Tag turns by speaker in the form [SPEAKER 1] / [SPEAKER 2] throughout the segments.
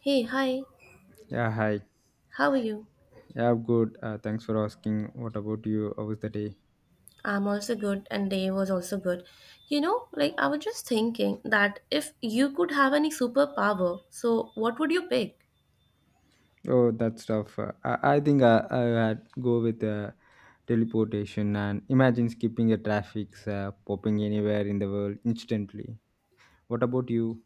[SPEAKER 1] Hey, hi,
[SPEAKER 2] Yeah, hi.
[SPEAKER 1] how are you?
[SPEAKER 2] Yeah, I'm good. Thanks for asking. What about you? How was the day?
[SPEAKER 1] I'm also good, and Dave was also good. I was just thinking that if you could have any superpower, so what would you pick?
[SPEAKER 2] Oh, that stuff. I think I had go with teleportation and imagine skipping the traffics, popping anywhere in the world instantly. What about you?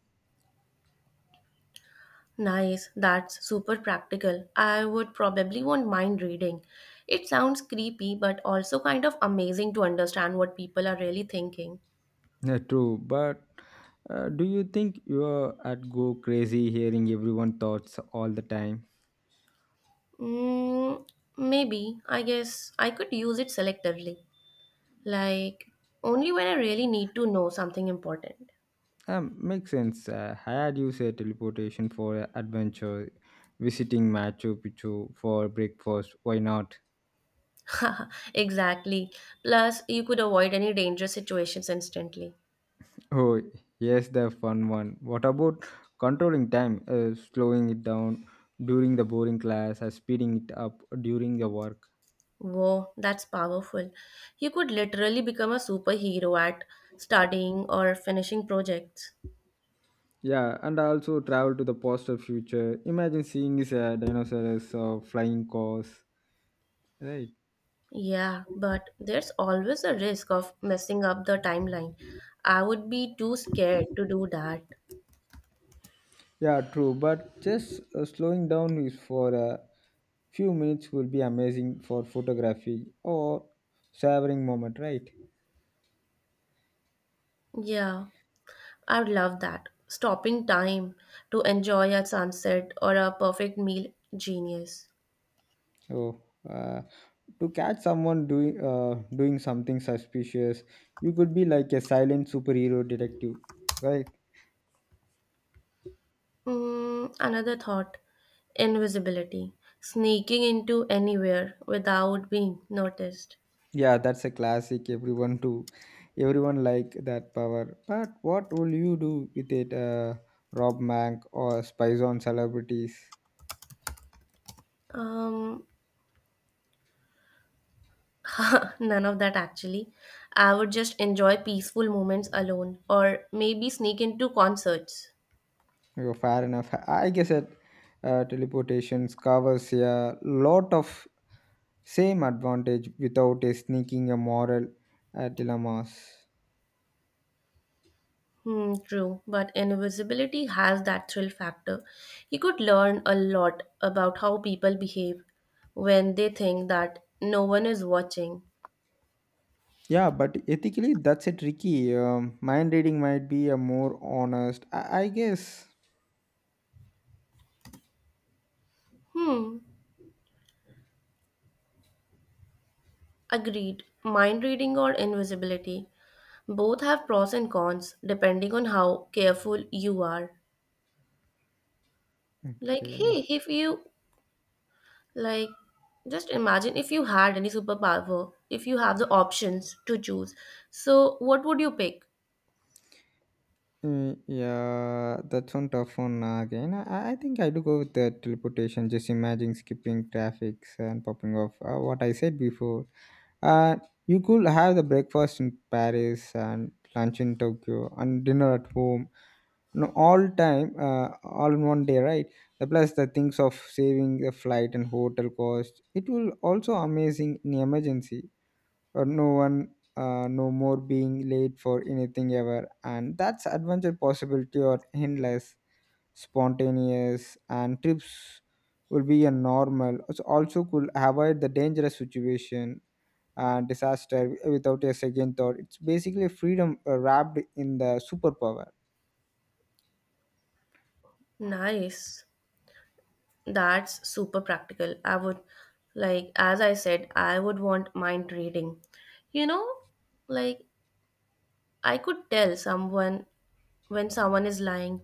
[SPEAKER 1] Nice, that's super practical. I would probably want mind reading. It sounds creepy, but also kind of amazing to understand what people are really thinking.
[SPEAKER 2] Yeah, true. But do you think you are at go crazy hearing everyone thoughts all the time?
[SPEAKER 1] Mm, maybe, I guess I could use it selectively. Like, only when I really need to know something important.
[SPEAKER 2] Makes sense. I had used a teleportation for adventure, visiting Machu Picchu for breakfast. Why not?
[SPEAKER 1] Exactly. Plus, you could avoid any dangerous situations instantly.
[SPEAKER 2] Oh, yes, the fun one. What about controlling time, slowing it down during the boring class, or speeding it up during the work?
[SPEAKER 1] Whoa, that's powerful. You could literally become a superhero at studying or finishing projects.
[SPEAKER 2] Yeah, and also travel to the postal future. Imagine seeing is a dinosaurs or flying cars, right?
[SPEAKER 1] Yeah, but there's always a risk of messing up the timeline. I would be too scared to do that.
[SPEAKER 2] Yeah, true. But just slowing down is for a few minutes will be amazing for photography or savoring moment, right?
[SPEAKER 1] Yeah, I would love that. Stopping time to enjoy a sunset or a perfect meal, genius.
[SPEAKER 2] Oh, uh, to catch someone doing something suspicious, you could be like a silent superhero detective, right?
[SPEAKER 1] Mm, another thought, invisibility, sneaking into anywhere without being noticed.
[SPEAKER 2] Yeah, that's a classic. Everyone like that power. But what will you do with it? Rob bank or spies on celebrities?
[SPEAKER 1] Um, none of that actually. I would just enjoy peaceful moments alone or maybe sneak into concerts.
[SPEAKER 2] Oh, fair enough. I guess that teleportations covers a lot of same advantage without a sneaking a moral dilemmas.
[SPEAKER 1] Hmm, true, but invisibility has that thrill factor. You could learn a lot about how people behave when they think that no one is watching.
[SPEAKER 2] Yeah, but ethically, that's a tricky. Mind reading might be a more honest. I guess.
[SPEAKER 1] Hmm, agreed. Mind reading or invisibility? Both have pros and cons depending on how careful you are. Like,
[SPEAKER 2] Okay.
[SPEAKER 1] hey, if you like, just imagine if you had any superpower, if you have the options to choose. So, what would you pick?
[SPEAKER 2] Mm, yeah, that's on tough one again. I think I do go with the teleportation. Just imagine skipping traffic and popping off. What I said before. Uh, you could have the breakfast in Paris and lunch in Tokyo and dinner at home. No, all in one day, right? The plus the things of saving the flight and hotel cost. It will also amazing in emergency or no more being late for anything ever, and that's adventure possibility or endless spontaneous and trips will be a normal. It's also could avoid the dangerous situation and disaster without a second thought. It's basically freedom wrapped in the superpower.
[SPEAKER 1] Nice. That's super practical. I would, like, as I said, I would want mind reading. You know, like, I could tell someone when someone is lying.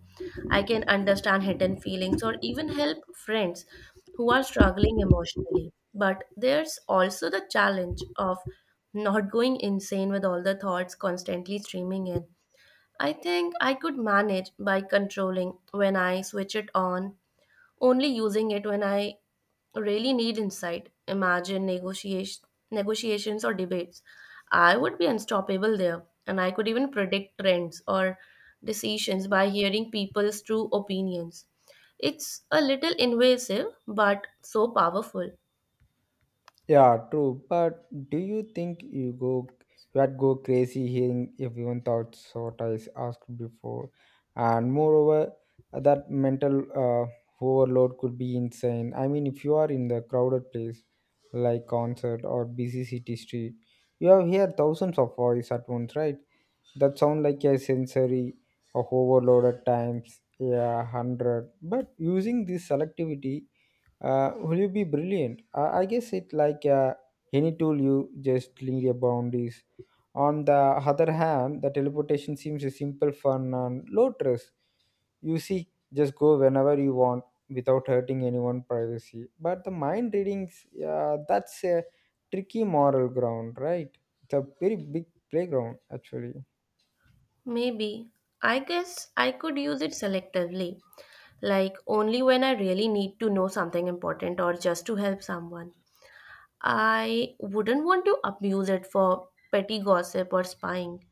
[SPEAKER 1] I can understand hidden feelings or even help friends who are struggling emotionally. But there's also the challenge of not going insane with all the thoughts constantly streaming in. I think I could manage by controlling when I switch it on, only using it when I really need insight. Imagine negotiation, negotiations or debates. I would be unstoppable there, and I could even predict trends or decisions by hearing people's true opinions. It's a little invasive, but so powerful.
[SPEAKER 2] Yeah, true. But do you think you go you had go crazy hearing everyone thoughts what I asked before? And moreover, that mental overload could be insane. I mean, if you are in the crowded place like concert or busy city street, you have hear thousands of voice at once, right? That sound like a sensory of overload at times, yeah, hundred. But using this selectivity will you be brilliant? I guess it like any tool you just link your boundaries. On the other hand, the teleportation seems a simple, fun, and low stress. You see, just go whenever you want without hurting anyone's privacy. But the mind readings, yeah, that's a tricky moral ground, right? It's a very big playground, actually.
[SPEAKER 1] Maybe. I guess I could use it selectively, like only when I really need to know something important or just to help someone. I wouldn't want to abuse it for petty gossip or spying.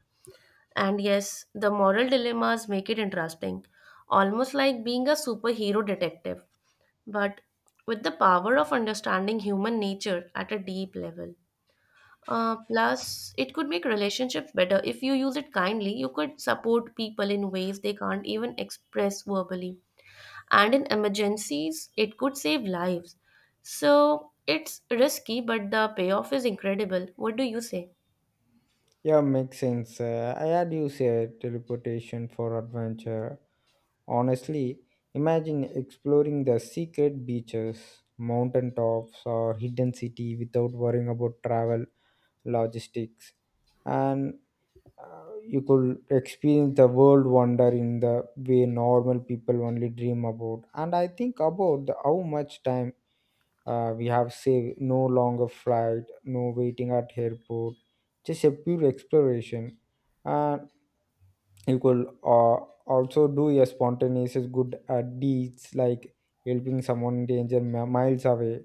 [SPEAKER 1] And yes, the moral dilemmas make it interesting, almost like being a superhero detective, but with the power of understanding human nature at a deep level. Plus, it could make relationships better. If you use it kindly, you could support people in ways they can't even express verbally, and in emergencies it could save lives. So it's risky, but the payoff is incredible. What do you say?
[SPEAKER 2] Yeah, makes sense. I had used teleportation for adventure. Honestly, imagine exploring the secret beaches, mountain tops, or hidden city without worrying about travel logistics, and you could experience the world wonder in the way normal people only dream about. And I think about how much time we have saved. No longer flight, no waiting at airport, just a pure exploration. And you could also do a spontaneous good deeds like helping someone danger miles away,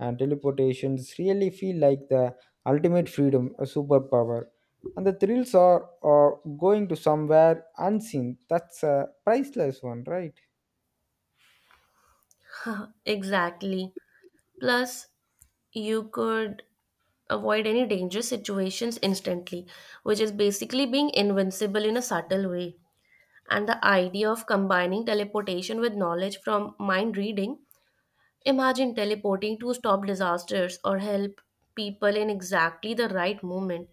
[SPEAKER 2] and teleportations really feel like the ultimate freedom a superpower, and the thrills are going to somewhere unseen. That's a priceless one, right?
[SPEAKER 1] Exactly. Plus, you could avoid any dangerous situations instantly, which is basically being invincible in a subtle way. And the idea of combining teleportation with knowledge from mind reading, imagine teleporting to stop disasters or help people in exactly the right moment.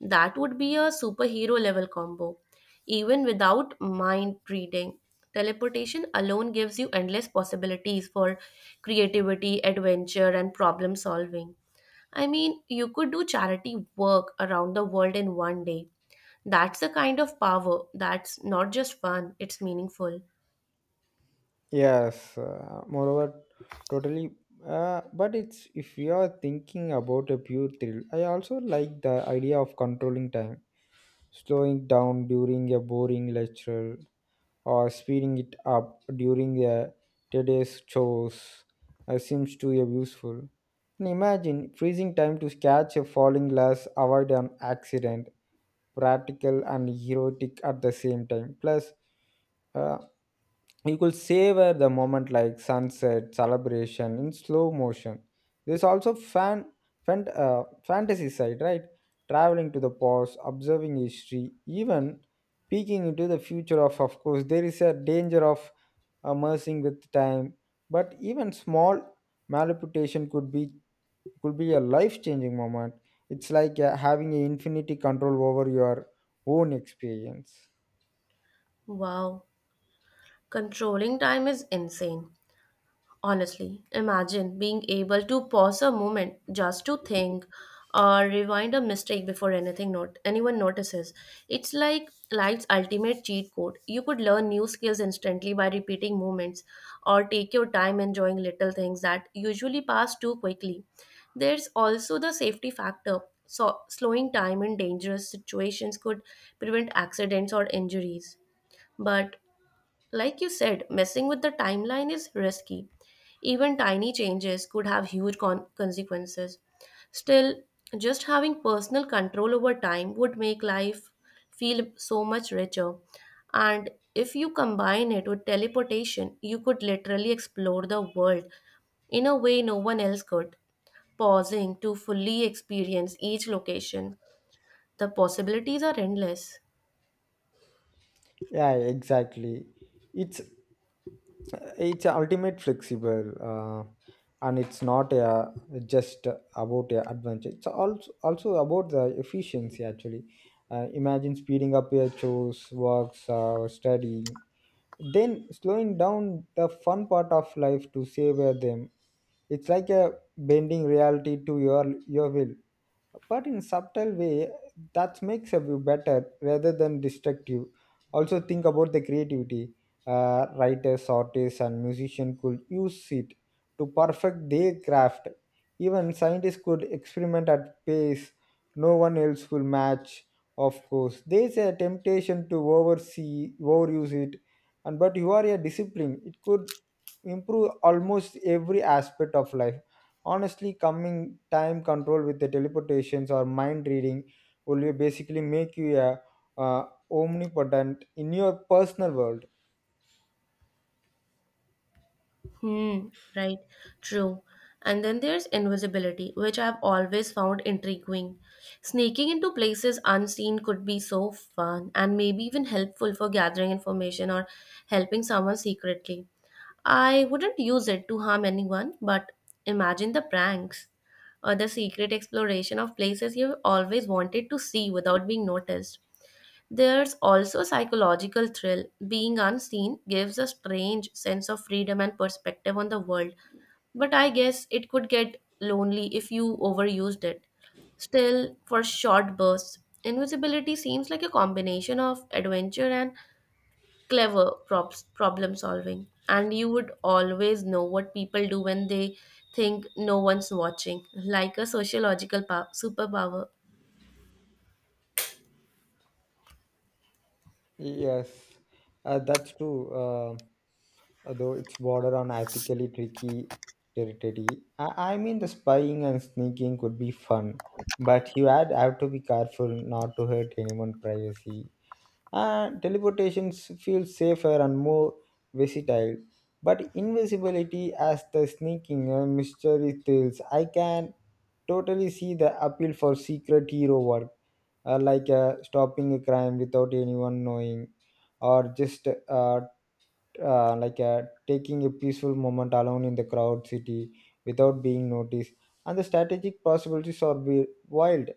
[SPEAKER 1] That would be a superhero level combo, even without mind reading. Teleportation alone gives you endless possibilities for creativity, adventure, and problem solving. I mean, you could do charity work around the world in one day. That's the kind of power that's not just fun, it's meaningful.
[SPEAKER 2] Yes, moreover, totally. But it's if you are thinking about a pure thrill, I also like the idea of controlling time, slowing down during a boring lecture, or speeding it up during a tedious chores seems to be useful. And imagine freezing time to catch a falling glass, avoid an accident, practical and erotic at the same time. Plus, uh, you could savor the moment like sunset celebration in slow motion. There's also fantasy side, right? Traveling to the past, observing history, even peeking into the future. Of course, there is a danger of immersing with time, but even small malreputation could be a life-changing moment. It's like having an infinity control over your own experience.
[SPEAKER 1] Wow. Controlling time is insane. Honestly, imagine being able to pause a moment just to think or rewind a mistake before anything, not anyone notices. It's like life's ultimate cheat code. You could learn new skills instantly by repeating moments or take your time enjoying little things that usually pass too quickly. There's also the safety factor. So slowing time in dangerous situations could prevent accidents or injuries. But like you said, messing with the timeline is risky. Even tiny changes could have huge consequences. Still, just having personal control over time would make life feel so much richer. And if you combine it with teleportation, you could literally explore the world in a way no one else could, pausing to fully experience each location. The possibilities are endless.
[SPEAKER 2] Yeah, exactly. It's it's ultimate flexible and it's not just about adventure. It's also also about the efficiency actually. Imagine speeding up your chores works study, then slowing down the fun part of life to savor them. It's like a bending reality to your will, but in subtle way that makes a view better rather than destructive. Also think about the creativity. Writers, artists, and musicians could use it to perfect their craft. Even scientists could experiment at pace no one else will match. Of course, there's a temptation to overuse it, and but you are a discipline, it could improve almost every aspect of life. Honestly, coming time control with the teleportations or mind reading will basically make you a uh, omnipotent in your personal world.
[SPEAKER 1] Hmm, right, true. And then there's invisibility, which I've always found intriguing. Sneaking into places unseen could be so fun and maybe even helpful for gathering information or helping someone secretly. I wouldn't use it to harm anyone, but imagine the pranks or the secret exploration of places you've always wanted to see without being noticed. There's also psychological thrill. Being unseen gives a strange sense of freedom and perspective on the world, but I guess it could get lonely if you overused it. Still, for short bursts, invisibility seems like a combination of adventure and clever props, problem solving, and you would always know what people do when they think no one's watching, like a sociological superpower.
[SPEAKER 2] Yes, that's true, uh, although it's border on ethically tricky territory. I mean, the spying and sneaking could be fun, but you had have to be careful not to hurt anyone's privacy. And teleportation feels safer and more versatile. But invisibility as the sneaking mystery thrills, I can totally see the appeal for secret hero work, stopping a crime without anyone knowing, or just taking a peaceful moment alone in the crowd city without being noticed. And the strategic possibilities are wild.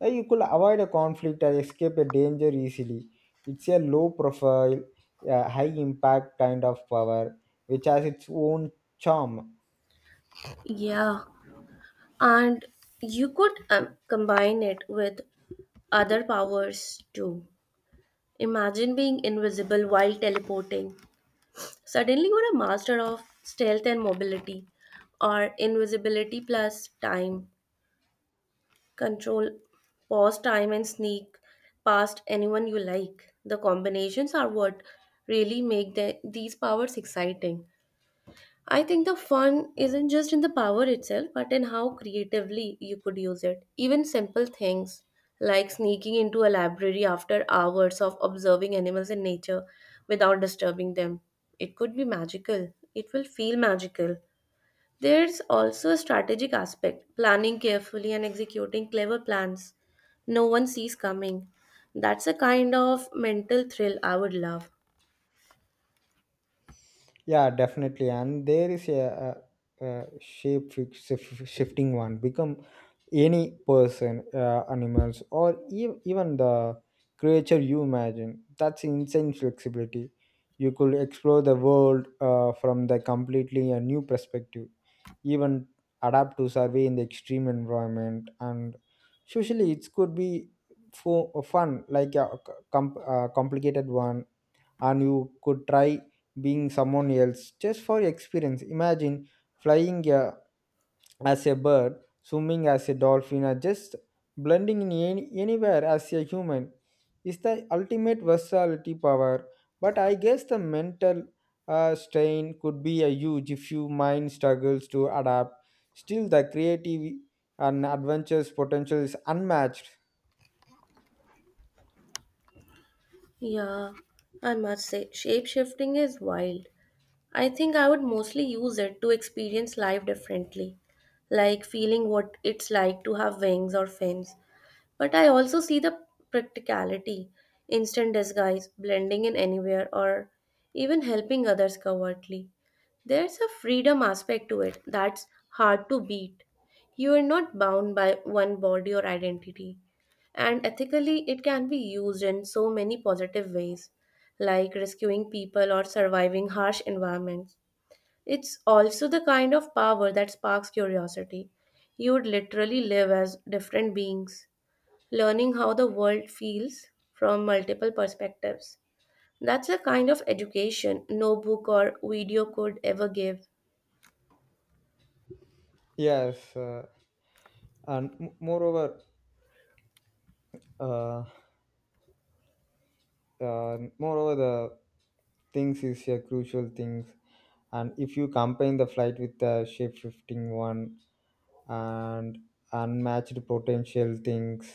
[SPEAKER 2] You could avoid a conflict or escape a danger easily. It's a low profile, high impact kind of power, which has its own charm.
[SPEAKER 1] Yeah, and you could combine it with other powers too. Imagine being invisible while teleporting. Suddenly, you're a master of stealth and mobility, or invisibility plus time. Control, pause time, and sneak past anyone you like. The combinations are what really make these powers exciting. I think the fun isn't just in the power itself, but in how creatively you could use it. Even simple things like sneaking into a library after hours of observing animals in nature without disturbing them. It could be magical. It will feel magical. There's also a strategic aspect, planning carefully and executing clever plans no one sees coming. That's a kind of mental thrill I would love.
[SPEAKER 2] Yeah, definitely. And there is a shape shifting one. Become any person, animals, or even the creature you imagine. That's insane flexibility. You could explore the world from the completely a new perspective, even adapt to survey in the extreme environment. And socially, it could be fun, like a complicated one, and you could try being someone else just for experience. Imagine flying as a bird, swimming as a dolphin, or just blending in anywhere as a human. Is the ultimate versatility power, but I guess the mental strain could be a huge if your mind struggles to adapt. Still, the creative and adventurous potential is unmatched.
[SPEAKER 1] Yeah, I must say, shape shifting is wild. I think I would mostly use it to experience life differently, like feeling what it's like to have wings or fins, but I also see the practicality, instant disguise, blending in anywhere, or even helping others covertly. There's a freedom aspect to it that's hard to beat. You are not bound by one body or identity. And ethically, it can be used in so many positive ways, like rescuing people or surviving harsh environments. It's also the kind of power that sparks curiosity. You would literally live as different beings, learning how the world feels from multiple perspectives. That's a kind of education no book or video could ever give.
[SPEAKER 2] Yes, and moreover, uh, the things is a crucial things. And if you combine the flight with the shape shifting one, and unmatched potential things.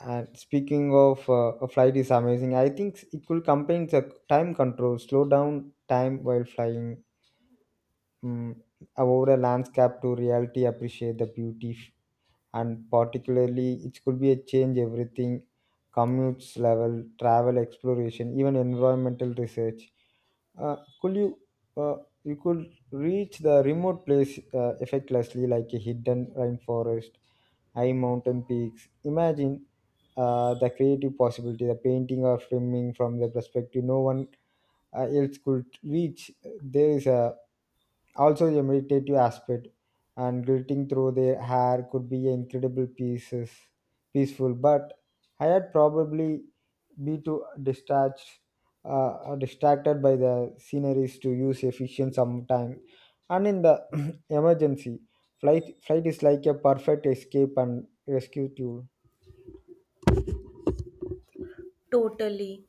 [SPEAKER 2] And speaking of a flight is amazing, I think it will combine the time control, slow down time while flying, Mm, over a landscape to reality appreciate the beauty and particularly it could be a change everything, commutes level travel exploration, even environmental research. uh, could you uh, you could reach the remote place effortlessly, like a hidden rainforest, high mountain peaks. Imagine the creative possibility, the painting or filming from the perspective no one else could reach. There is a also, the meditative aspect, and glitting through their hair could be incredible pieces, peaceful. But I had probably be too distracted, distracted by the sceneries to use efficient sometime. And in the emergency, flight is like a perfect escape and rescue tool.
[SPEAKER 1] Totally.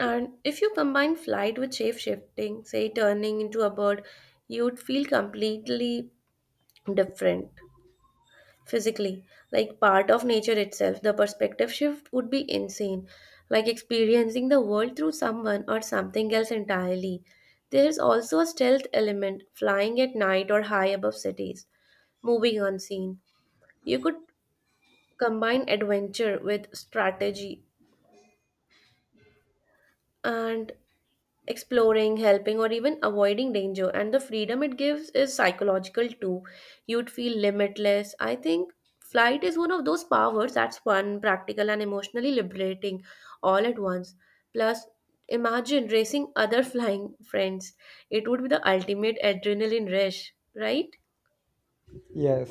[SPEAKER 1] And if you combine flight with shape shifting, say turning into a bird, you'd feel completely different. Physically, like part of nature itself, the perspective shift would be insane, like experiencing the world through someone or something else entirely. There is also a stealth element, flying at night or high above cities, moving unseen. You could combine adventure with strategy, and exploring, helping, or even avoiding danger. And the freedom it gives is psychological too. You'd feel limitless. I think flight is one of those powers that's fun, practical, and emotionally liberating all at once. Plus, imagine racing other flying friends. It would be the ultimate adrenaline rush, right?
[SPEAKER 2] Yes,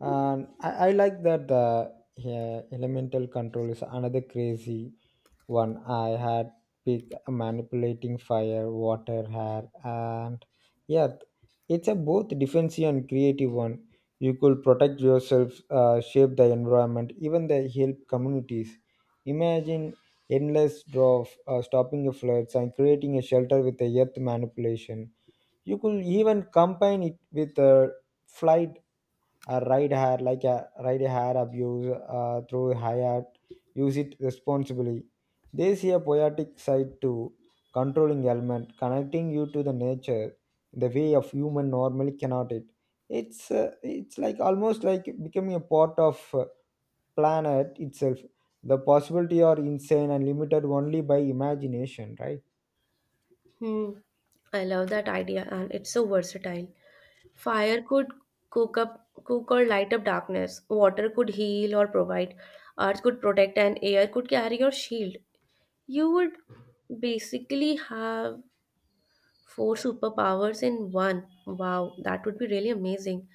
[SPEAKER 2] and I like that yeah, elemental control is another crazy one. I had pick manipulating fire, water, air, and yeah, it's a both defensive and creative one. You could protect yourself, shape the environment, even the help communities. Imagine endless draw of stopping the floods and creating a shelter with the earth manipulation. You could even combine it with flight ride hair like a ride hair abuse through hayat. Use it responsibly. They see a poetic side to controlling element, connecting you to the nature the way of human normally cannot it. It's like almost like becoming a part of planet itself. The possibility are insane and limited only by imagination, right?
[SPEAKER 1] Hmm. I love that idea, and it's so versatile. Fire could cook up cook or light up darkness. Water could heal or provide. Earth could protect and air could carry or shield. You would basically have four superpowers in one. Wow, that would be really amazing.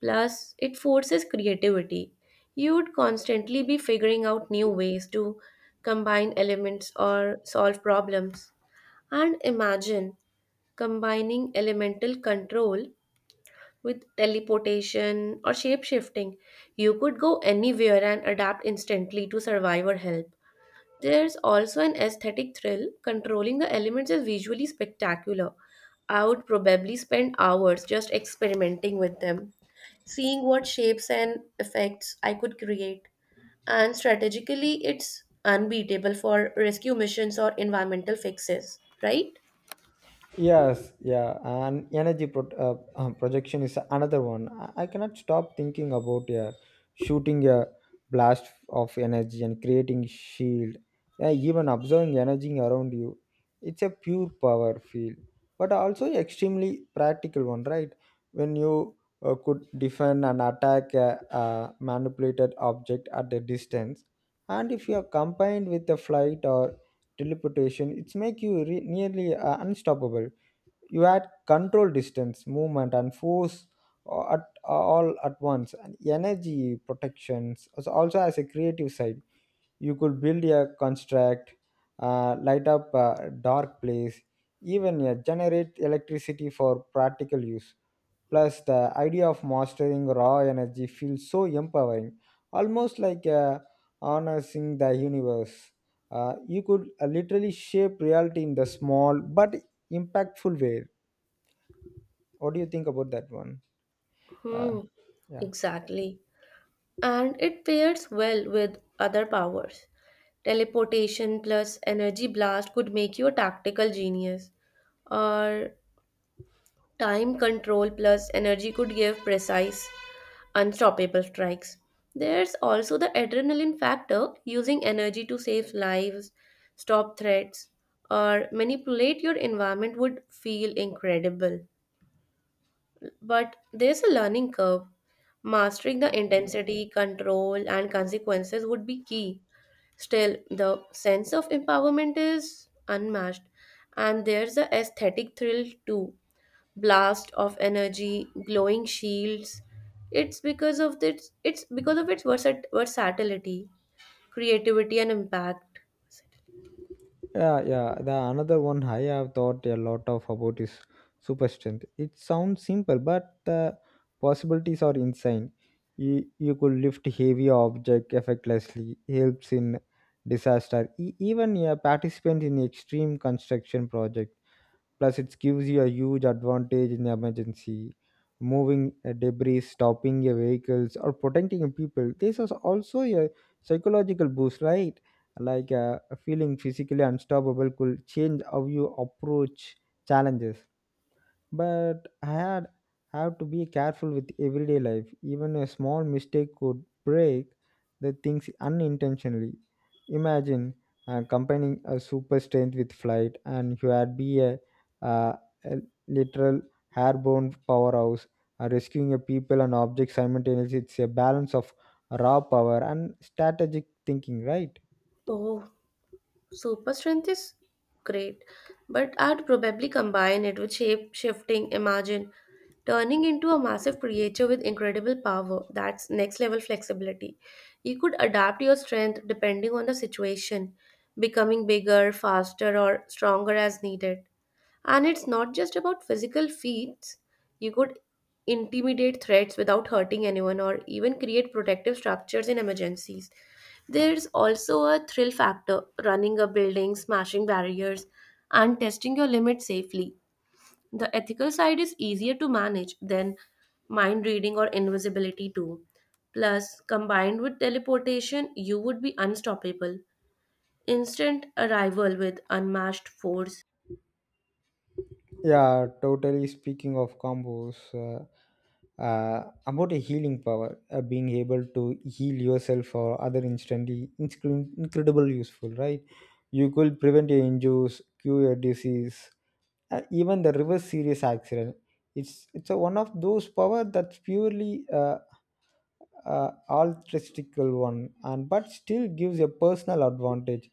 [SPEAKER 1] Plus, it forces creativity. You would constantly be figuring out new ways to combine elements or solve problems. And imagine combining elemental control with teleportation or shape shifting. You could go anywhere and adapt instantly to survive or help. There's also an aesthetic thrill. Controlling the elements is visually spectacular. I would probably spend hours just experimenting with them, seeing what shapes and effects I could create. And strategically, it's unbeatable for rescue missions or environmental fixes, right?
[SPEAKER 2] Yes, yeah, and projection is another one. I cannot stop thinking about shooting a blast of energy and creating shield, yeah, even observing energy around you. It's a pure power field, but also extremely practical one, right? When you could defend and attack a manipulated object at a distance, and if you are combined with the flight or teleportation, it's make you nearly unstoppable. You had control distance movement and force a- at all at once. And energy protections also as a creative side, you could build a construct, light up a dark place, even generate electricity for practical use. Plus the idea of mastering raw energy feels so empowering, almost like harnessing the universe. You could literally shape reality in the small but impactful way. What do you think about that one? Uh,
[SPEAKER 1] Hmm.
[SPEAKER 2] yeah,
[SPEAKER 1] Exactly. And it pairs well with other powers. Teleportation plus energy blast could make you a tactical genius, or time control plus energy could give precise, unstoppable strikes. There's also the adrenaline factor, using energy to save lives, stop threats, or manipulate your environment would feel incredible. But there's a learning curve. Mastering the intensity, control, and consequences would be key. Still, the sense of empowerment is unmatched, and there's the aesthetic thrill too. Blast of energy, glowing shields. It's because of its it's because of its versat- versatility, creativity, and impact.
[SPEAKER 2] yeah. The another one I have thought a lot of about is super strength. It sounds simple, but the possibilities are insane. You could lift heavy object effortlessly. Helps in disaster. Even a participant in extreme construction project. Plus it gives you a huge advantage in emergency moving debris, stopping your vehicles or protecting your people. This is also a psychological boost, right? Like feeling physically unstoppable could change how you approach challenges. But I had have to be careful with everyday life. Even a small mistake could break the things unintentionally. Imagine combining a super strength with flight, and you had be uh, a literal airborne powerhouse, rescuing a people and objects simultaneously. It's a balance of raw power and strategic thinking, right?
[SPEAKER 1] Oh, super strength is great, but I'd probably combine it with shape shifting. Imagine turning into a massive creature with incredible power. That's next level flexibility. You could adapt your strength depending on the situation, becoming bigger, faster, or stronger as needed. And it's not just about physical feats. You could intimidate threats without hurting anyone or even create protective structures in emergencies. There's also a thrill factor, running a building, smashing barriers, and testing your limits safely. The ethical side is easier to manage than mind reading or invisibility, too. Plus, combined with teleportation, you would be unstoppable. Instant arrival with unmatched force.
[SPEAKER 2] Yeah, totally. Speaking of combos, about a healing power, being able to heal yourself or other instantly, it's incredible useful, right? You could prevent your injuries, cure your disease, even the reverse serious accident. It's a, one of those power that's purely altruistical one, and but still gives a personal advantage.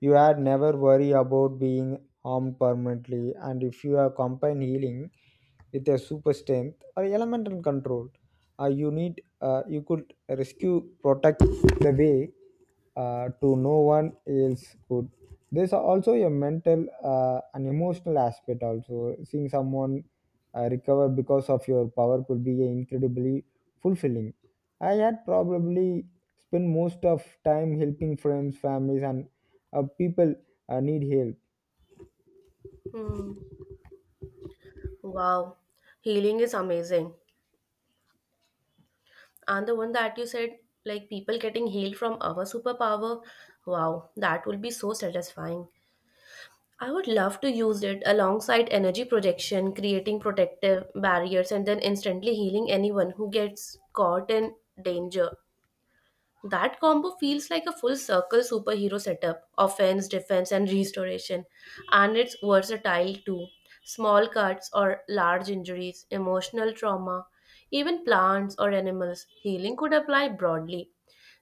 [SPEAKER 2] You had never worry about being harm permanently. And if you are combine healing with a super strength or elemental control, you could rescue, protect the way to no one else could. There's also a mental and emotional aspect, also seeing someone recover because of your power could be incredibly fulfilling. I had probably spent most of time helping friends, families and people need help.
[SPEAKER 1] Hmm. Wow, healing is amazing. And the one that you said, like people getting healed from our superpower, wow, that will be so satisfying. I would love to use it alongside energy projection, creating protective barriers, and then instantly healing anyone who gets caught in danger. That combo feels like a full circle superhero setup, offense, defense, and restoration. And it's versatile too. Small cuts or large injuries, emotional trauma, even plants or animals, healing could apply broadly.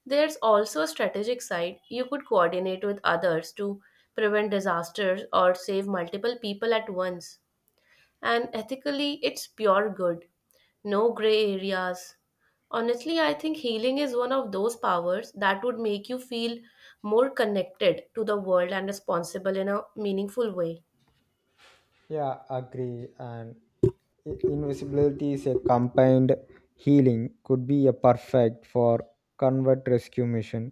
[SPEAKER 1] There's also a strategic side. You could coordinate with others to prevent disasters or save multiple people at once, and ethically it's pure good, no gray areas. Honestly, I think healing is one of those powers that would make you feel more connected to the world and responsible in a meaningful way.
[SPEAKER 2] Yeah, agree. And invisibility is a combined healing, could be a perfect for convert rescue mission.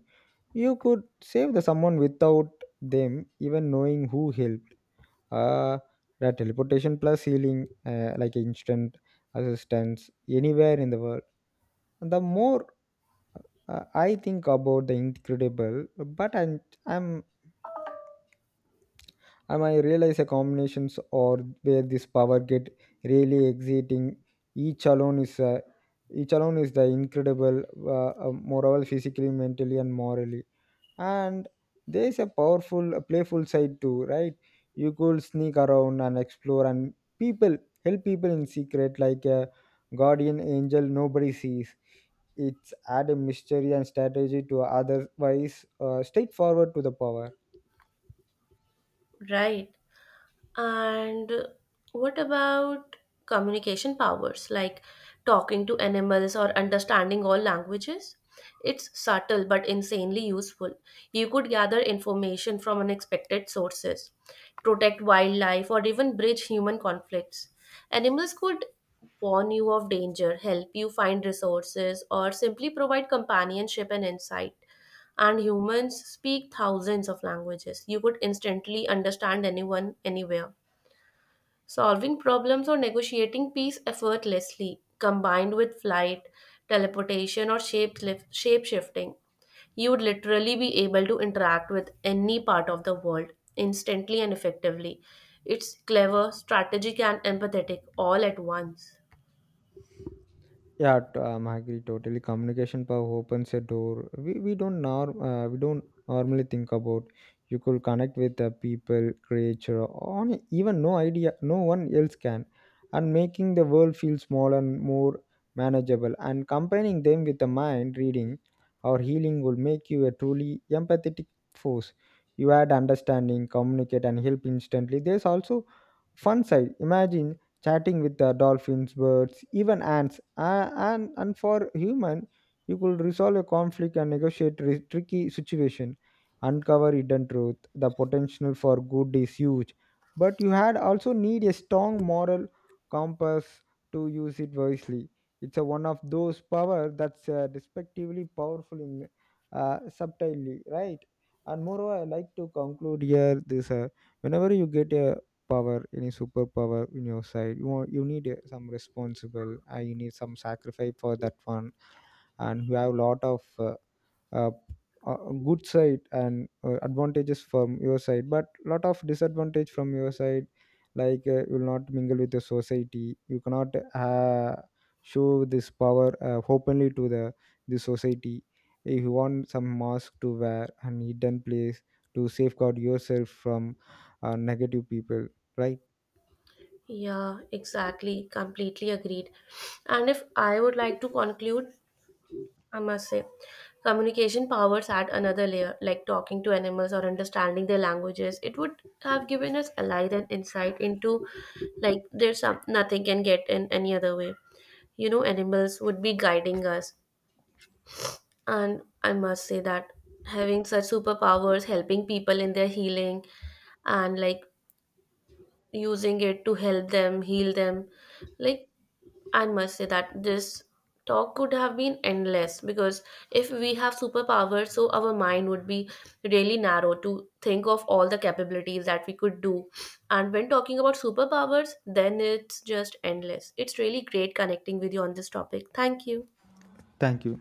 [SPEAKER 2] You could save the someone without them even knowing who helped. Uh, that teleportation plus healing, like instant assistance anywhere in the world. The more I think about the incredible, but I'm I might realize a combinations or where this power get really exiting. each alone is a each alone is the incredible, moral physically, mentally and morally. And there is a powerful a playful side too, right? You could sneak around and explore and people help people in secret like a guardian angel nobody sees. It's add a mystery and strategy to otherwise straightforward to the power.
[SPEAKER 1] Right. And what about communication powers like talking to animals or understanding all languages? It's subtle but insanely useful. You could gather information from unexpected sources, protect wildlife, or even bridge human conflicts. Animals could warn you of danger, help you find resources, or simply provide companionship and insight, and humans speak thousands of languages. You could instantly understand anyone, anywhere. Solving problems or negotiating peace effortlessly, combined with flight, teleportation, or shape shifting, you would literally be able to interact with any part of the world instantly and effectively. It's clever, strategic, and empathetic all at once.
[SPEAKER 2] Yeah, I agree totally. Communication power opens a door. We don't normally think about. You could connect with the people, creature, on even no idea, no one else can, and making the world feel smaller and more manageable. And combining them with the mind reading or healing will make you a truly empathetic force. You add understanding, communicate, and help instantly. There's also fun side. Imagine chatting with the dolphins, birds, even ants. And for human, you could resolve a conflict and negotiate tricky situation, uncover hidden truth. The potential for good is huge, but you had also need a strong moral compass to use it wisely. It's a one of those power that's respectively powerful in subtly, right? And moreover, I like to conclude here this. Whenever you get a power, any superpower in your side you want, you need some responsible, you need some sacrifice for that one. And you have a lot of uh, uh, good side and advantages from your side, but lot of disadvantage from your side. Like you will not mingle with the society. You cannot uh, show this power openly to the society. If you want some mask to wear and hidden place to safeguard yourself from negative people, right?
[SPEAKER 1] Yeah, exactly. Completely agreed. And if I would like to conclude, I must say, communication powers add another layer, like talking to animals or understanding their languages. It would have given us a light and insight into, like, there's some nothing can get in any other way. You know, animals would be guiding us, and I must say that having such superpowers, helping people in their healing, and like using it to help them heal them, like, I must say that this talk could have been endless because if we have superpowers, so our mind would be really narrow to think of all the capabilities that we could do. And when talking about superpowers, then it's just endless. It's really great connecting with you on this topic. Thank you.
[SPEAKER 2] Thank you.